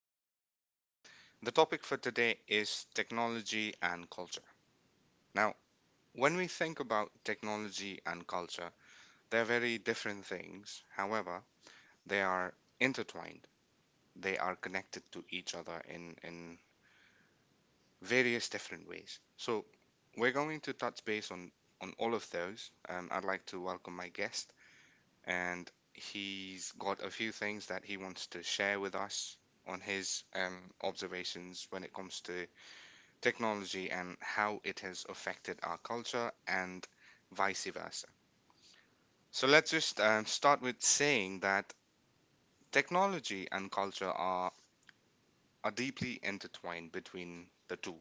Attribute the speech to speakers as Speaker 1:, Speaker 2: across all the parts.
Speaker 1: my podcast. The topic for today is technology and culture. Now, when we think about technology and culture, they're very different things. However, they are intertwined, they are connected to each other in various different ways. So, we're going to touch base on all of those. I'd like to welcome my guest. And he's got a few things that he wants to share with us on his observations when it comes to technology and how it has affected our culture and vice versa. So let's just start with saying that technology and culture are deeply intertwined between the two,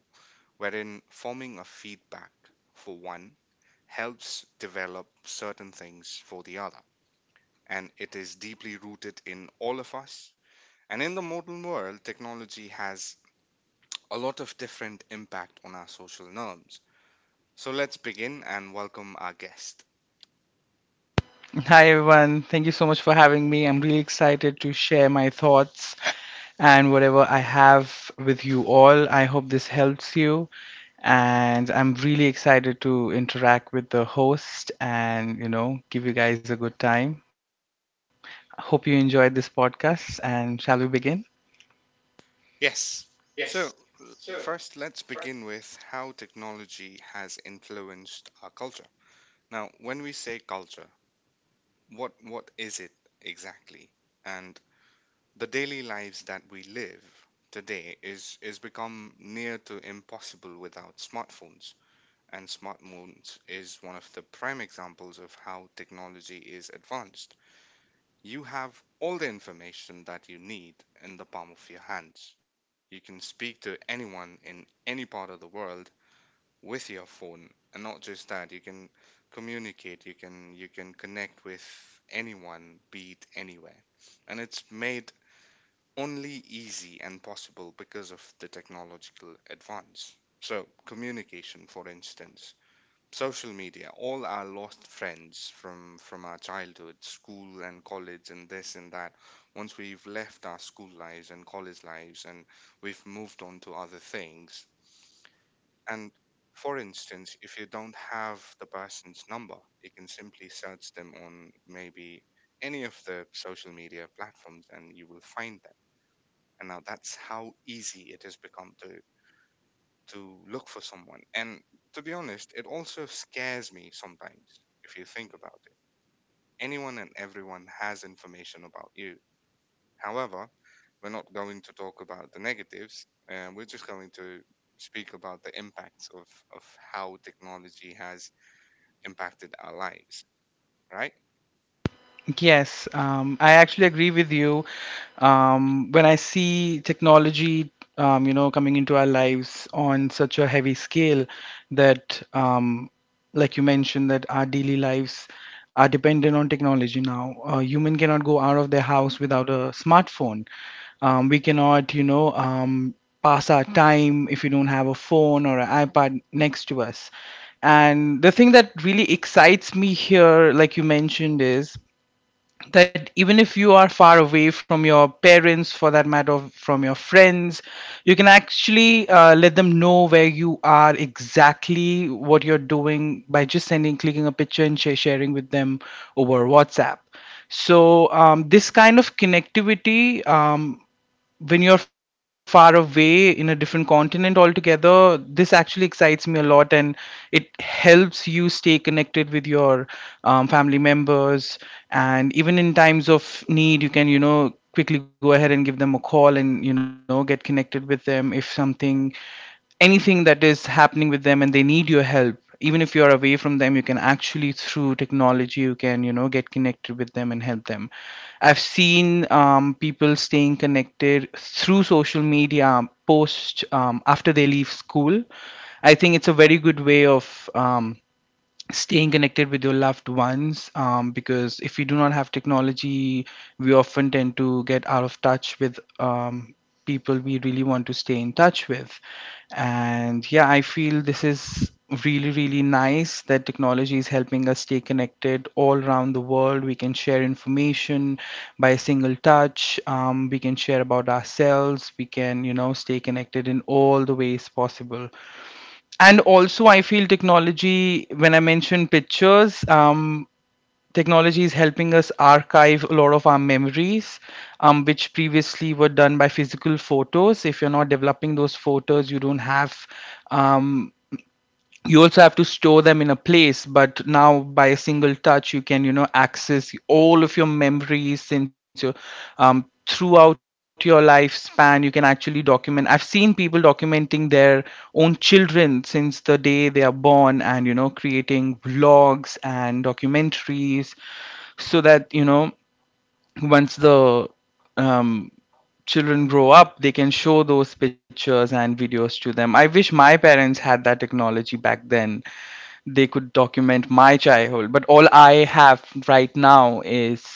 Speaker 1: wherein forming a feedback for one helps develop certain things for the other. And it is deeply rooted in all of us. And in the modern world, technology has a lot of different impact on our social norms. So let's begin and welcome our guest.
Speaker 2: Hi everyone, thank you so much for having me. I'm really excited to share my thoughts and whatever I have with you all. I hope this helps you and I'm really excited to interact with the host and give you guys a good time. Hope you enjoyed this podcast and shall we begin?
Speaker 1: Yes. So first let's begin with how technology has influenced our culture. Now, when we say culture, what is it exactly? And the daily lives that we live today is become near to impossible without smartphones, and smart moons is one of the prime examples of how technology is advanced. You have all the information that you need in the palm of your hands. You can speak to anyone in any part of the world with your phone, and not just that, you can communicate, you can connect with anyone, be it anywhere. And it's made only easy and possible because of the technological advance. So, communication, for instance, social media, all our lost friends from our childhood school and college and this and that, once we've left our school lives and college lives and we've moved on to other things. And for instance, if you don't have the person's number, you can simply search them on maybe any of the social media platforms, and you will find them. And now that's how easy it has become to look for someone. And to be honest, it also scares me sometimes if you think about it. Anyone and everyone has information about you. However, we're not going to talk about the negatives, and we're just going to speak about the impacts of how technology has impacted our lives. Right?
Speaker 2: Yes, I actually agree with you. When I see technology, coming into our lives on such a heavy scale that, um, like you mentioned, that our daily lives are dependent on technology now. A human cannot go out of their house without a smartphone. We cannot, pass our time if you don't have a phone or an iPad next to us. And the thing that really excites me here, like you mentioned, is that even if you are far away from your parents, for that matter, from your friends, you can actually let them know where you are exactly what you're doing by just clicking a picture and sharing with them over WhatsApp. So this kind of connectivity, when you're far away in a different continent altogether, this actually excites me a lot and it helps you stay connected with your family members. And even in times of need, you can, you know, quickly go ahead and give them a call and, you know, get connected with them if something anything that is happening with them and they need your help, even if you are away from them, you can actually, through technology, you can, you know, get connected with them and help them. I've seen people staying connected through social media post after they leave school. I think it's a very good way of staying connected with your loved ones, because if we do not have technology, we often tend to get out of touch with people we really want to stay in touch with. And yeah, I feel this is really, really nice that technology is helping us stay connected all around the world. We can share information by a single touch. We can share about ourselves, we can, you know, stay connected in all the ways possible. And also, I feel technology, when I mentioned pictures, technology is helping us archive a lot of our memories, which previously were done by physical photos. If you're not developing those photos, you don't have um, you also have to store them in a place. But now, by a single touch, you can, you know, access all of your memories since you, throughout your lifespan, you can actually document. I've seen people documenting their own children since the day they are born, and, you know, creating vlogs and documentaries so that, you know, once the um, children grow up, they can show those pictures and videos to them. I wish my parents had that technology back then. They could document my childhood, but all I have right now is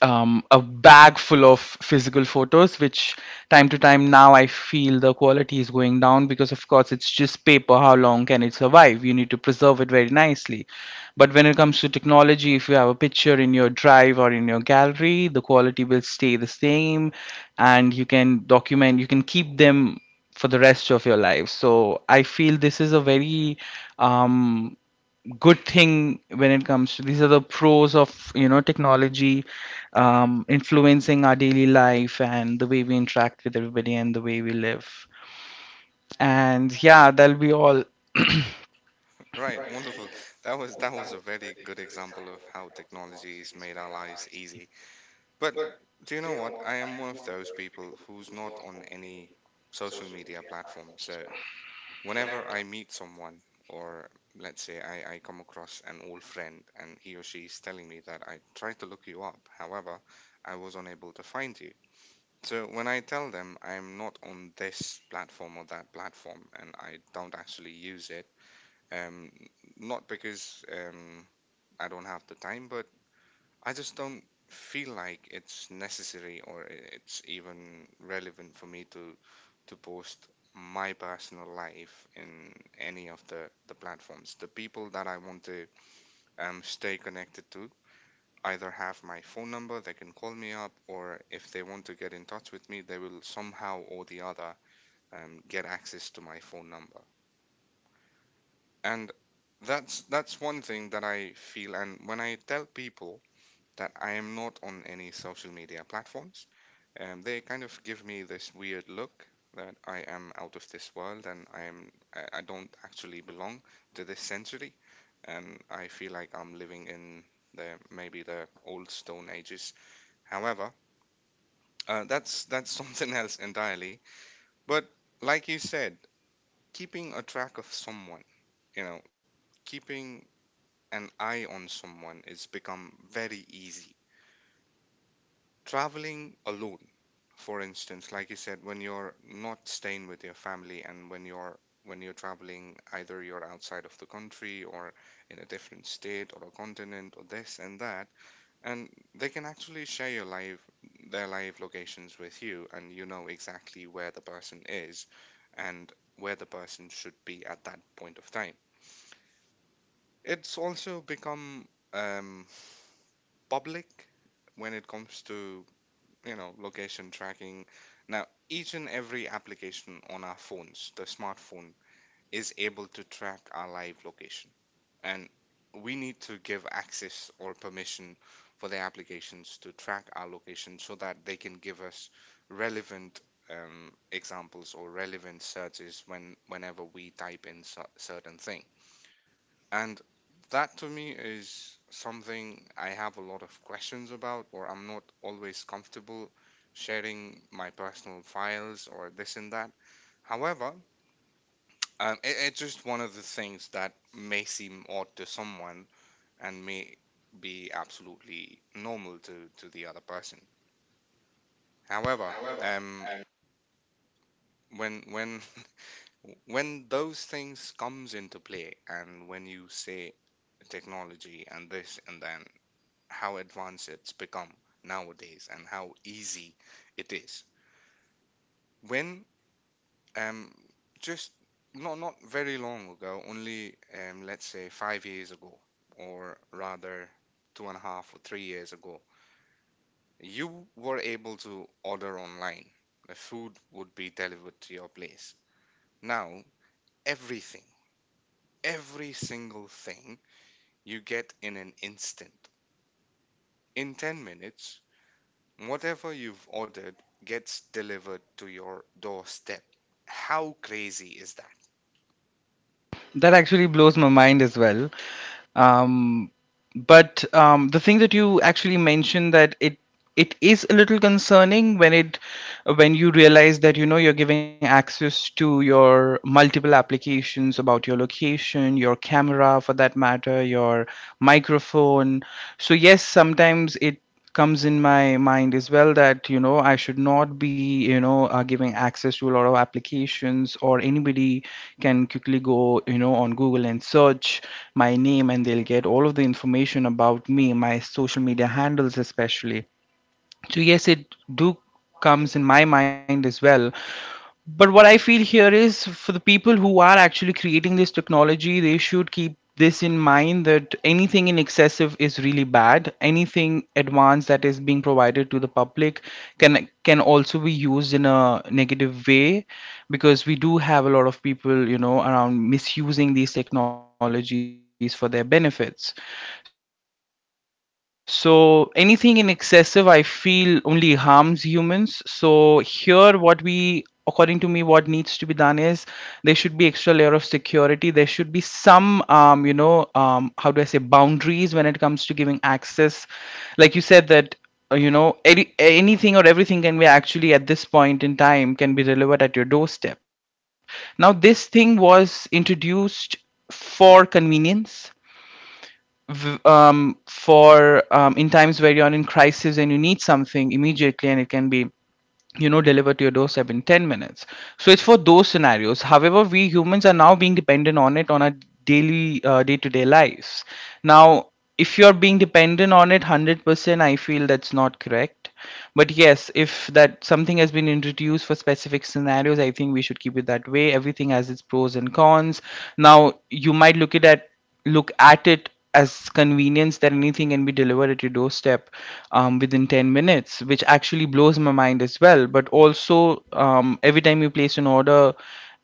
Speaker 2: a bag full of physical photos, which time to time now I feel the quality is going down because, of course, it's just paper. How long can it survive? You need to preserve it very nicely. But when it comes to technology, if you have a picture in your drive or in your gallery, the quality will stay the same, and you can document, you can keep them for the rest of your life. So I feel this is a very um, good thing when it comes to, these are the pros of, you know, technology, influencing our daily life and the way we interact with everybody and the way we live. And yeah, that'll be all.
Speaker 1: Right, wonderful. That was a very good example of how technology has made our lives easy. But do you know what? I am one of those people who's not on any social media platform. So whenever I meet someone, or let's say I come across an old friend and he or she is telling me that I tried to look you up, however, I was unable to find you. So when I tell them I'm not on this platform or that platform and I don't actually use it, um, not because I don't have the time, but I just don't feel like it's necessary, or it's even relevant for me to post my personal life in any of the platforms. The people that I want to stay connected to either have my phone number, they can call me up, or if they want to get in touch with me, they will somehow or the other get access to my phone number. And that's one thing that I feel. And when I tell people that I am not on any social media platforms, they kind of give me this weird look that I am out of this world, and I am I don't actually belong to this century, and I feel like I'm living in the maybe the old stone ages. However, that's something else entirely. But like you said, keeping a track of someone, you know, keeping an eye on someone is become very easy. Traveling alone, for instance, like you said, when you're not staying with your family and when you're traveling, either you're outside of the country or in a different state or a continent or this and that, and they can actually share your live their live locations with you, and you know exactly where the person is and where the person should be at that point of time. It's also become um, public when it comes to, you know, location tracking. Now, each and every application on our phones, the smartphone, is able to track our live location. And we need to give access or permission for the applications to track our location so that they can give us relevant examples or relevant searches whenever we type in certain things. And that to me is something I have a lot of questions about, or I'm not always comfortable sharing my personal files or this and that. However, it's just one of the things that may seem odd to someone and may be absolutely normal to the other person. However, um, when when those things comes into play, and when you say technology and this, and then how advanced it's become nowadays and how easy it is. When um just not very long ago, only let's say 5 years ago, or rather two and a half or 3 years ago, you were able to order online. The food would be delivered to your place. Now everything, every single thing, you get in an instant. In 10 minutes, whatever you've ordered gets delivered to your doorstep. How crazy is that?
Speaker 2: That actually blows my mind as well. Um, but um, the thing that you actually mentioned, that it is a little concerning when it when you realize that, you know, you're giving access to your multiple applications about your location, your camera, for that matter, your microphone. So yes, sometimes it comes in my mind as well that, you know, I should not be, you know, giving access to a lot of applications, or anybody can quickly go, you know, on Google and search my name, and they'll get all of the information about me, my social media handles especially. So yes, it do comes in my mind as well. But what I feel here is, for the people who are actually creating this technology, they should keep this in mind that anything in excessive is really bad. Anything advanced that is being provided to the public can also be used in a negative way, because we do have a lot of people, you know, around, misusing these technologies for their benefits. So anything in excessive, I feel, only harms humans. So here, what we, according to me, what needs to be done is, there should be extra layer of security. There should be some, how do I say, boundaries when it comes to giving access. Like you said that, you know, anything or everything can be actually at this point in time can be delivered at your doorstep. Now this thing was introduced for convenience, for in times where you're in crisis and you need something immediately, and it can be, you know, delivered to your doorstep in 10 minutes. So it's for those scenarios. However, we humans are now being dependent on it, on our daily day-to-day lives. Now, if you're being dependent on it 100%, I feel that's not correct. But yes, if that, something has been introduced for specific scenarios, I think we should keep it that way. Everything has its pros and cons. Now, you might look at it as convenience, that anything can be delivered at your doorstep within 10 minutes, which actually blows my mind as well. But also, every time you place an order,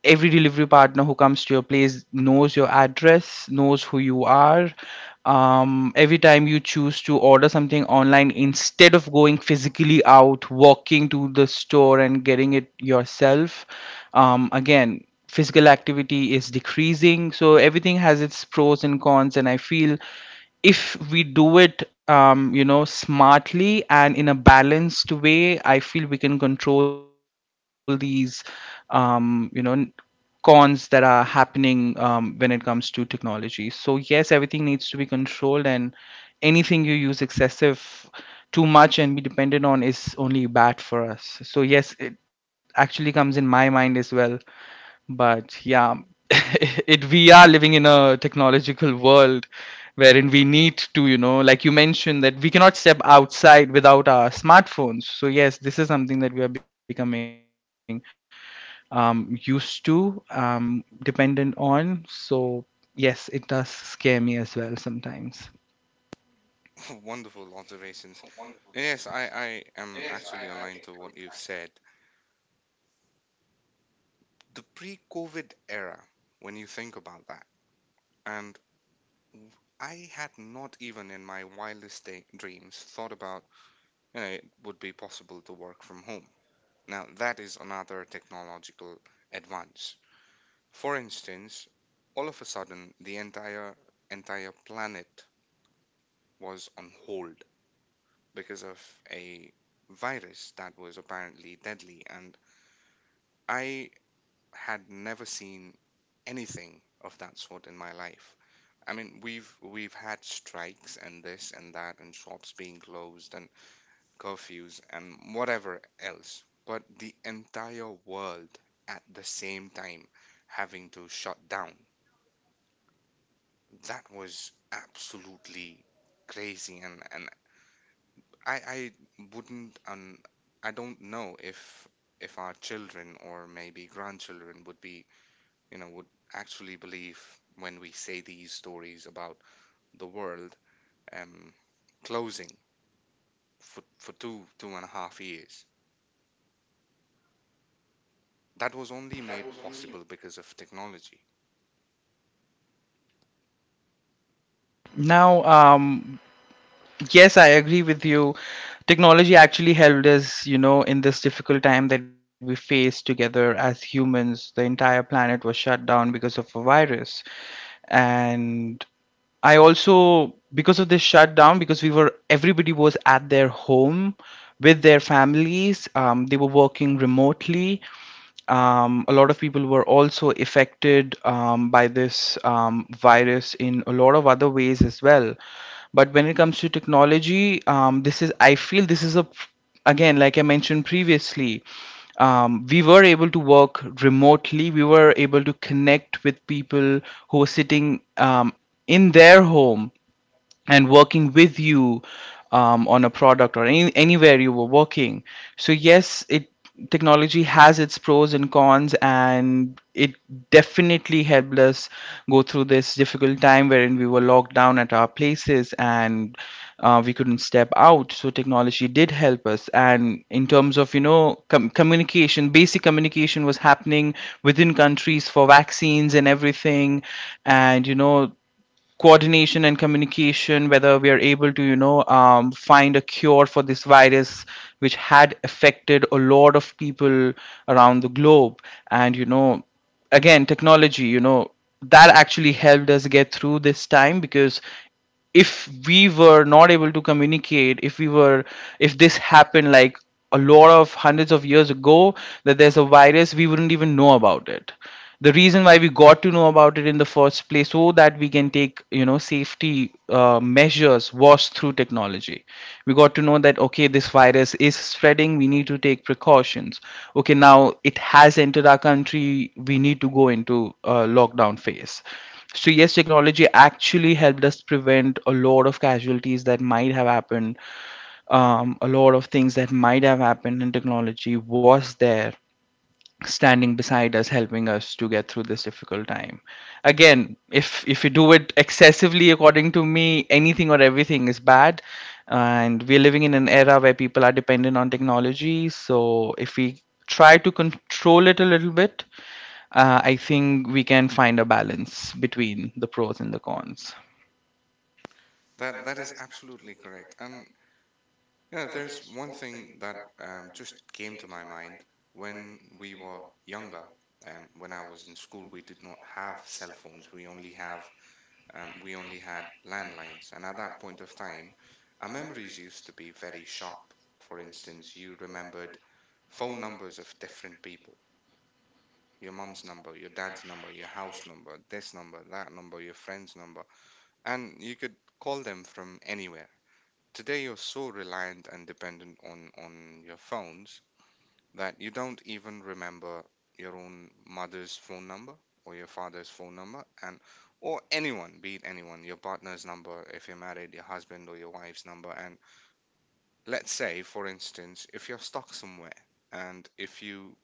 Speaker 2: every delivery partner who comes to your place knows your address, knows who you are. Every time you choose to order something online instead of going physically out, walking to the store and getting it yourself, again, physical activity is decreasing. So everything has its pros and cons, and I feel if we do it, you know, smartly and in a balanced way, I feel we can control these, um, you know n- cons that are happening when it comes to technology. So yes, everything needs to be controlled, and anything you use excessive, too much, and be dependent on, is only bad for us. So yes, it actually comes in my mind as well. But yeah, it, we are living in a technological world wherein we need to, you know, like you mentioned, that we cannot step outside without our smartphones. So yes, this is something that we are becoming used to, dependent on. So yes, it does scare me as well sometimes.
Speaker 1: Wonderful observations. Yes, I am actually aligned to what you've said. The pre COVID era, when you think about that, and I had not even in my wildest day, dreams thought about, you know, it would be possible to work from home. Now, that is another technological advance. For instance, all of a sudden, the entire planet was on hold because of a virus that was apparently deadly. And I had never seen anything of that sort in my life. I mean, we've had strikes and this and that and shops being closed and curfews and whatever else. But the entire world at the same time having to shut down, that was absolutely crazy, and I wouldn't I don't know if our children or maybe grandchildren would be, you know, would actually believe when we say these stories about the world um closing for two and a half years. That was only made possible because of technology.
Speaker 2: Now, yes, I agree with you. Technology actually helped us, you know, in this difficult time that we faced together as humans. The entire planet was shut down because of a virus. And I also, because of this shutdown, because we everybody was at their home with their families, they were working remotely, a lot of people were also affected by this virus in a lot of other ways as well. But when it comes to technology, this is, I feel this is a, again, like I mentioned previously, we were able to work remotely. We were able to connect with people who were sitting in their home and working with you on a product, or anywhere you were working. So yes, it technology has its pros and cons, and it definitely helped us go through this difficult time wherein we were locked down at our places and we couldn't step out. So technology did help us, and in terms of communication, basic communication was happening within countries for vaccines and everything, and coordination and communication, whether we are able to find a cure for this virus which had affected a lot of people around the globe. And again, technology, that actually helped us get through this time, because if we were not able to communicate, if we were if this happened like a lot of hundreds of years ago, that there's a virus, we wouldn't even know about it. The reason why we got to know about it in the first place, so that we can take safety measures, was through technology. We got to know that, okay, this virus is spreading, we need to take precautions. Okay, now it has entered our country, we need to go into lockdown phase. So yes, technology actually helped us prevent a lot of casualties that might have happened. A lot of things that might have happened, and technology was there, standing beside us, helping us to get through this difficult time. Again, if you do it excessively, according to me, anything or everything is bad. And we're living in an era where people are dependent on technology. So if we try to control it a little bit, I think we can find a balance between the pros and the cons.
Speaker 1: That that is absolutely correct. And yeah, there's one thing that just came to my mind when we were younger. When I was in school, we did not have cell phones. We only had landlines, and at that point of time, our memories used to be very sharp. For instance, you remembered phone numbers of different people. Your mum's number, your dad's number, your house number, this number, that number, your friend's number, and you could call them from anywhere. Today you're so reliant and dependent on your phones that you don't even remember your own mother's phone number or your father's phone number, and or anyone, be it anyone, your partner's number if you're married, your husband or your wife's number. And let's say, for instance, if you're stuck somewhere, and if you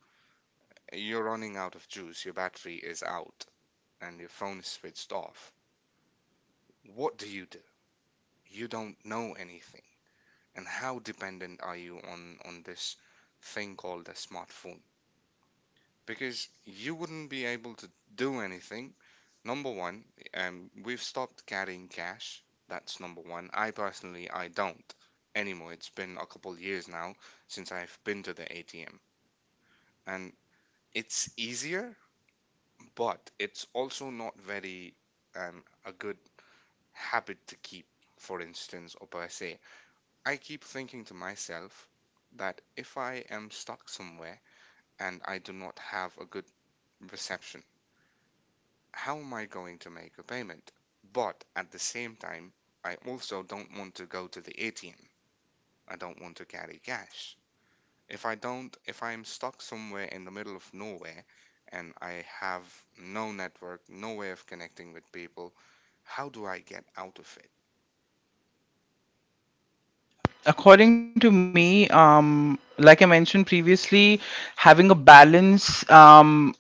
Speaker 1: you're running out of juice, your battery is out and your phone is switched off, what do? You don't know anything. And how dependent are you on this thing called a smartphone, because you wouldn't be able to do anything. Number one, we've stopped carrying cash. That's number one. I personally, I don't anymore. It's been a couple years now since I've been to the ATM. And it's easier, but it's also not very a good habit to keep. For instance, or per se, I keep thinking to myself that if I am stuck somewhere and I do not have a good reception, how am I going to make a payment? But at the same time, I also don't want to go to the ATM. I don't want to carry cash. If I don't, if I am stuck somewhere in the middle of nowhere and I have no network, no way of connecting with people, how do I get out of it?
Speaker 2: According to me, like I mentioned previously, having a balance um,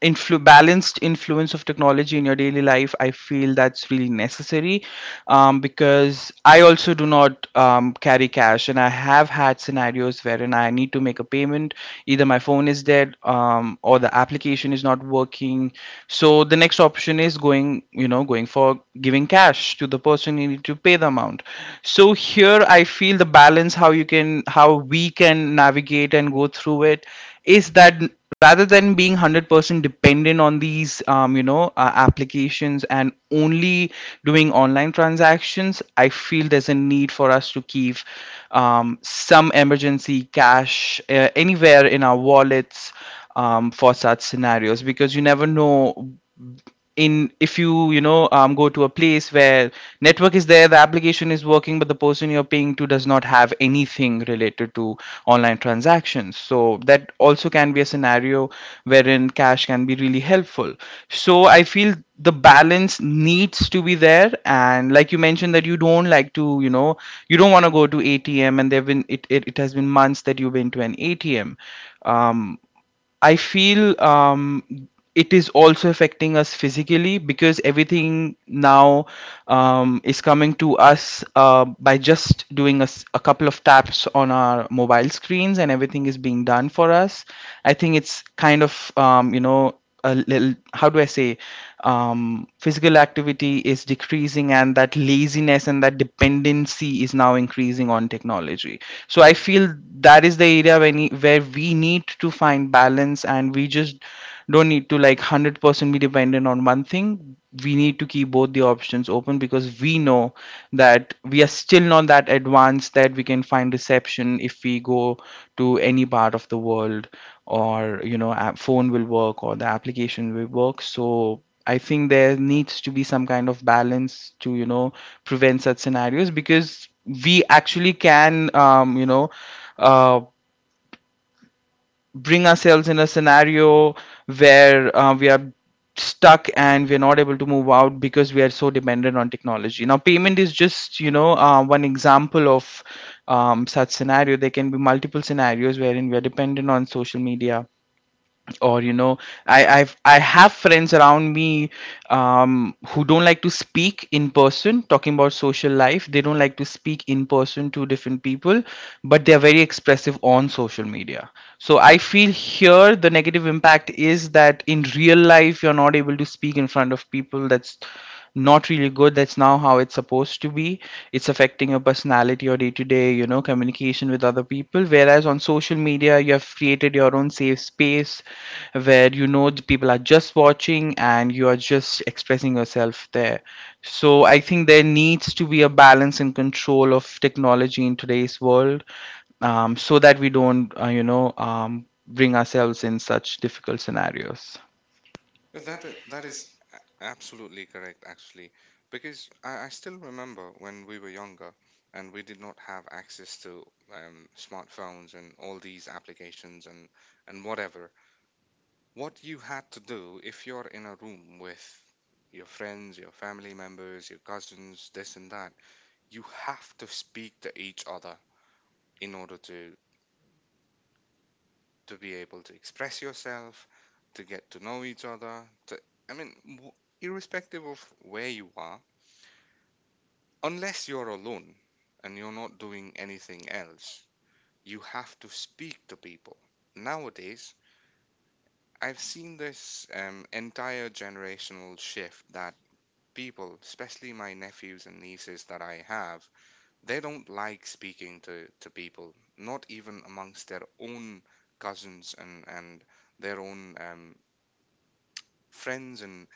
Speaker 2: influ- balanced influence of technology in your daily life, I feel that's really necessary. Because I also do not carry cash, and I have had scenarios wherein I need to make a payment, either my phone is dead, or the application is not working. So the next option is going you know going for giving cash to the person you need to pay the amount. So here I feel the balance, how we can navigate and go through it, is that rather than being 100% dependent on these applications and only doing online transactions, I feel there's a need for us to keep some emergency cash anywhere in our wallets for such scenarios, because you never know. In If you you know go to a place where network is there, the application is working, but the person you're paying to does not have anything related to online transactions, so that also can be a scenario wherein cash can be really helpful. So I feel the balance needs to be there. And like you mentioned, that you don't like to, you don't want to go to ATM, and there have been it, it, it has been months that you've been to an ATM. um I feel, it is also affecting us physically, because everything now is coming to us by just doing a couple of taps on our mobile screens, and everything is being done for us. I think it's kind of, you know, a little, how do I say, physical activity is decreasing, and that laziness and that dependency is now increasing on technology. So I feel that is the area where we need to find balance, and we just don't need to, like, 100% be dependent on one thing. We need to keep both the options open, because we know that we are still not that advanced that we can find reception if we go to any part of the world, or, app phone will work or the application will work. So I think there needs to be some kind of balance to, prevent such scenarios, because we actually can, uh, bring ourselves in a scenario where we are stuck and we are not able to move out because we are so dependent on technology. Now, payment is just, one example of such scenario. There can be multiple scenarios wherein we are dependent on social media, or, I have friends around me, who don't like to speak in person. Talking about social life, they don't like to speak in person to different people, but they're very expressive on social media. So I feel here the negative impact is that in real life you're not able to speak in front of people. That's not really good. That's now how it's supposed to be. It's affecting your personality, your day to day, communication with other people, whereas on social media you have created your own safe space where, the people are just watching and you are just expressing yourself there. So I think there needs to be a balance and control of technology in today's world, so that we don't, bring ourselves in such difficult scenarios.
Speaker 1: That is absolutely correct, actually, because I still remember when we were younger and we did not have access to smartphones and all these applications and whatever. What you had to do if you're in a room with your friends, your family members, your cousins, this and that, you have to speak to each other in order to be able to express yourself, to get to know each other. To I mean, w- Irrespective of where you are. Unless you're alone and you're not doing anything else, you have to speak to people. Nowadays, I've seen this entire generational shift that people, especially my nephews and nieces that I have, they don't like speaking to people, not even amongst their own cousins and their own friends, and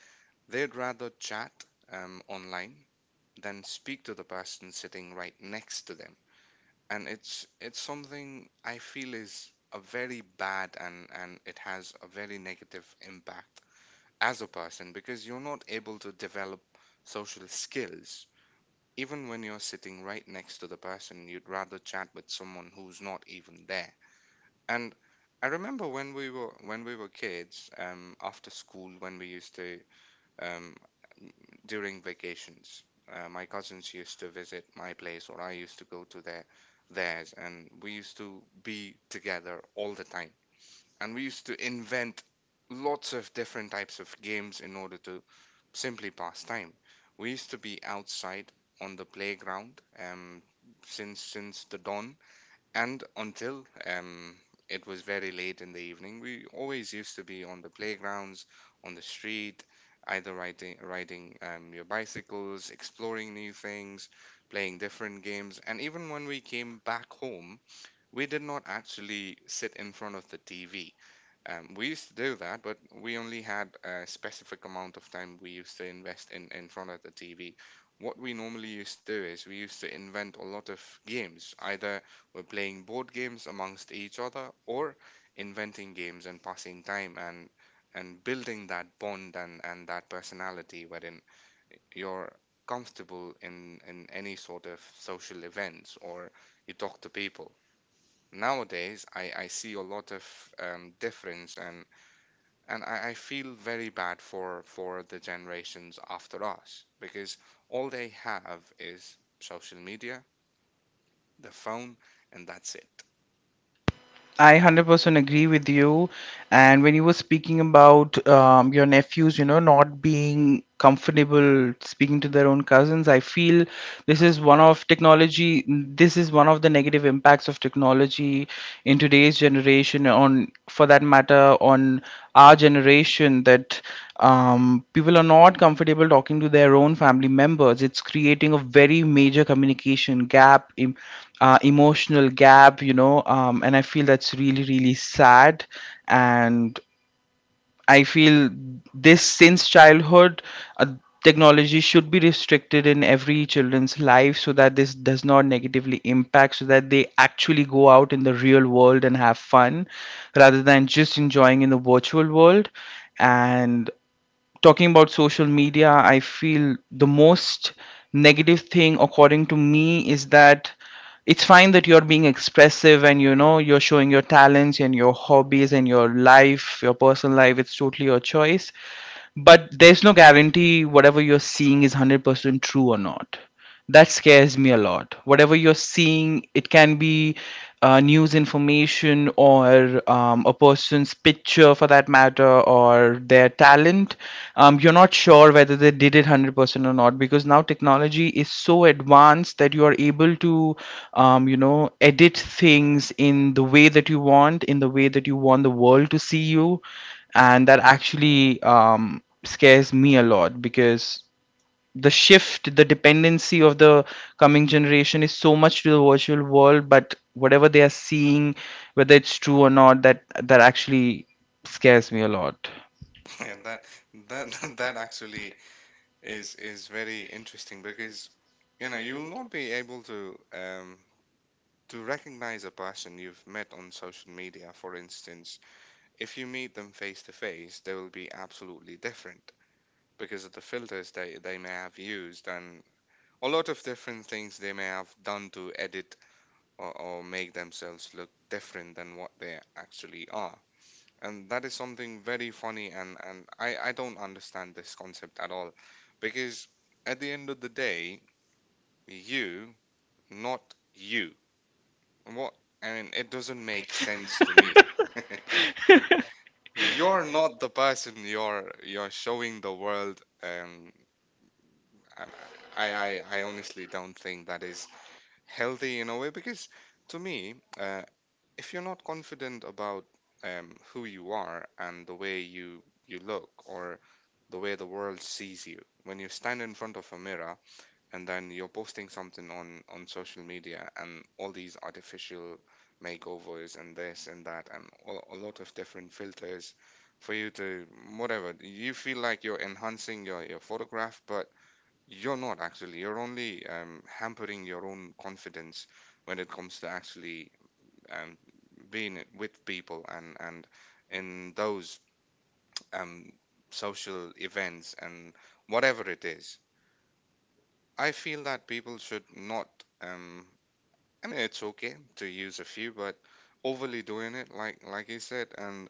Speaker 1: they'd rather chat online than speak to the person sitting right next to them. And it's something I feel is a very bad, and it has a very negative impact as a person, because you're not able to develop social skills. Even when you're sitting right next to the person, you'd rather chat with someone who's not even there. And I remember when we were kids, after school, when we used to um, during vacations. My cousins used to visit my place, or I used to go to theirs, and we used to be together all the time. And we used to invent lots of different types of games in order to simply pass time. We used to be outside on the playground, since the dawn and until, it was very late in the evening. We always used to be on the playgrounds, on the street, either riding your bicycles, exploring new things, playing different games. And even when we came back home, we did not actually sit in front of the TV. We used to do that, but we only had a specific amount of time we used to invest in front of the TV. What we normally used to do is we used to invent a lot of games. Either we're playing board games amongst each other, or inventing games and passing time, and building that bond and that personality wherein you're comfortable in any sort of social events, or you talk to people. Nowadays I see a lot of difference, and I feel very bad for the generations after us, because all they have is social media, the phone, and that's it.
Speaker 2: I 100% agree with you. And when you were speaking about your nephews, you know, not being comfortable speaking to their own cousins, I feel this is one of technology, this is one of the negative impacts of technology in today's generation, on, for that matter, on our generation, that people are not comfortable talking to their own family members. It's creating a very major communication gap, emotional gap, and I feel that's really, really sad. And I feel, this since childhood, uh, technology should be restricted in every children's life, so that this does not negatively impact, so that they actually go out in the real world and have fun rather than just enjoying in the virtual world. And talking about social media, I feel the most negative thing, according to me, is that it's fine that you're being expressive and, you're showing your talents and your hobbies and your life, your personal life. It's totally your choice, but there's no guarantee whatever you're seeing is 100% true or not. That scares me a lot. Whatever you're seeing, it can be news information, or a person's picture, for that matter, or their talent. You're not sure whether they did it 100% or not, because now technology is so advanced that you are able to, edit things in the way that you want, in the way that you want the world to see you. And that actually scares me a lot, because the shift, the dependency of the coming generation is so much to the virtual world, but whatever they are seeing, whether it's true or not, that actually scares me a lot.
Speaker 1: And that that actually is very interesting, because you know you'll not be able to, to recognize a person you've met on social media, for instance. If you meet them face to face, they will be absolutely different because of the filters they may have used, and a lot of different things they may have done to edit or make themselves look different than what they actually are. And that is something very funny, and I don't understand this concept at all. Because at the end of the day, you, not you. What? I mean, it doesn't make sense to me. You're not the person you're showing the world. Um, I honestly don't think that is healthy in a way, because to me, if you're not confident about, who you are and the way you look, or the way the world sees you when you stand in front of a mirror, and then you're posting something on social media and all these artificial makeovers and this and that, and a lot of different filters for you to, whatever you feel like you're enhancing your photograph, but you're not actually. You're only hampering your own confidence when it comes to actually, um, being with people, and in those, um, social events and whatever it is. I feel that people should not. Um, I mean, it's okay to use a few, but overly doing it, like you said, and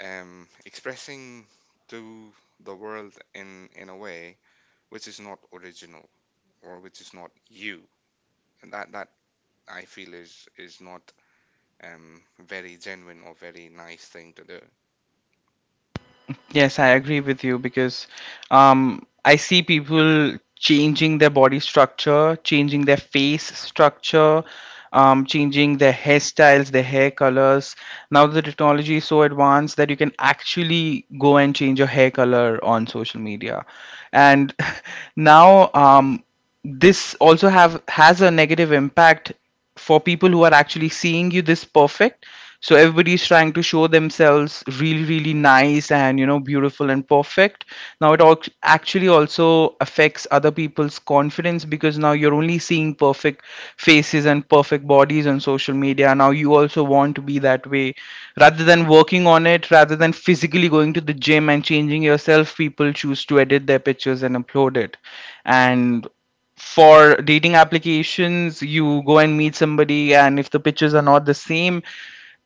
Speaker 1: expressing to the world in a way which is not original, or which is not you, that I feel is not um very genuine or very nice thing to do.
Speaker 2: Yes, I agree with you, because, I see people changing their body structure, changing their face structure, changing their hairstyles, their hair colors. Now the technology is so advanced that you can actually go and change your hair color on social media. And now, this also have has a negative impact for people who are actually seeing you this perfect. So everybody's trying to show themselves really, really nice and, beautiful and perfect. Now it actually also affects other people's confidence, because now you're only seeing perfect faces and perfect bodies on social media. Now you also want to be that way, rather than working on it, rather than physically going to the gym and changing yourself. People choose to edit their pictures and upload it. And for dating applications, you go and meet somebody, and if the pictures are not the same,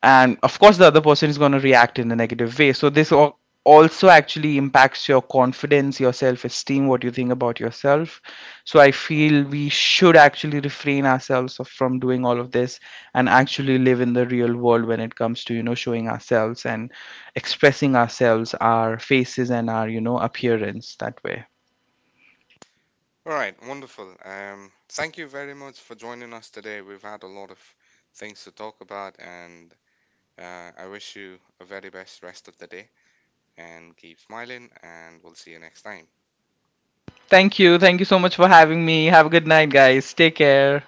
Speaker 2: and of course the other person is going to react in a negative way. So this, also actually impacts your confidence, your self esteem, what you think about yourself. So I feel we should actually refrain ourselves from doing all of this, and actually live in the real world when it comes to, showing ourselves and expressing ourselves, our faces and our, appearance, that way.
Speaker 1: All right, wonderful. Thank you very much for joining us today. We've had a lot of things to talk about, and I wish you a very best rest of the day. And keep smiling, and we'll see you next time.
Speaker 2: Thank you. Thank you so much for having me. Have a good night, guys. Take care.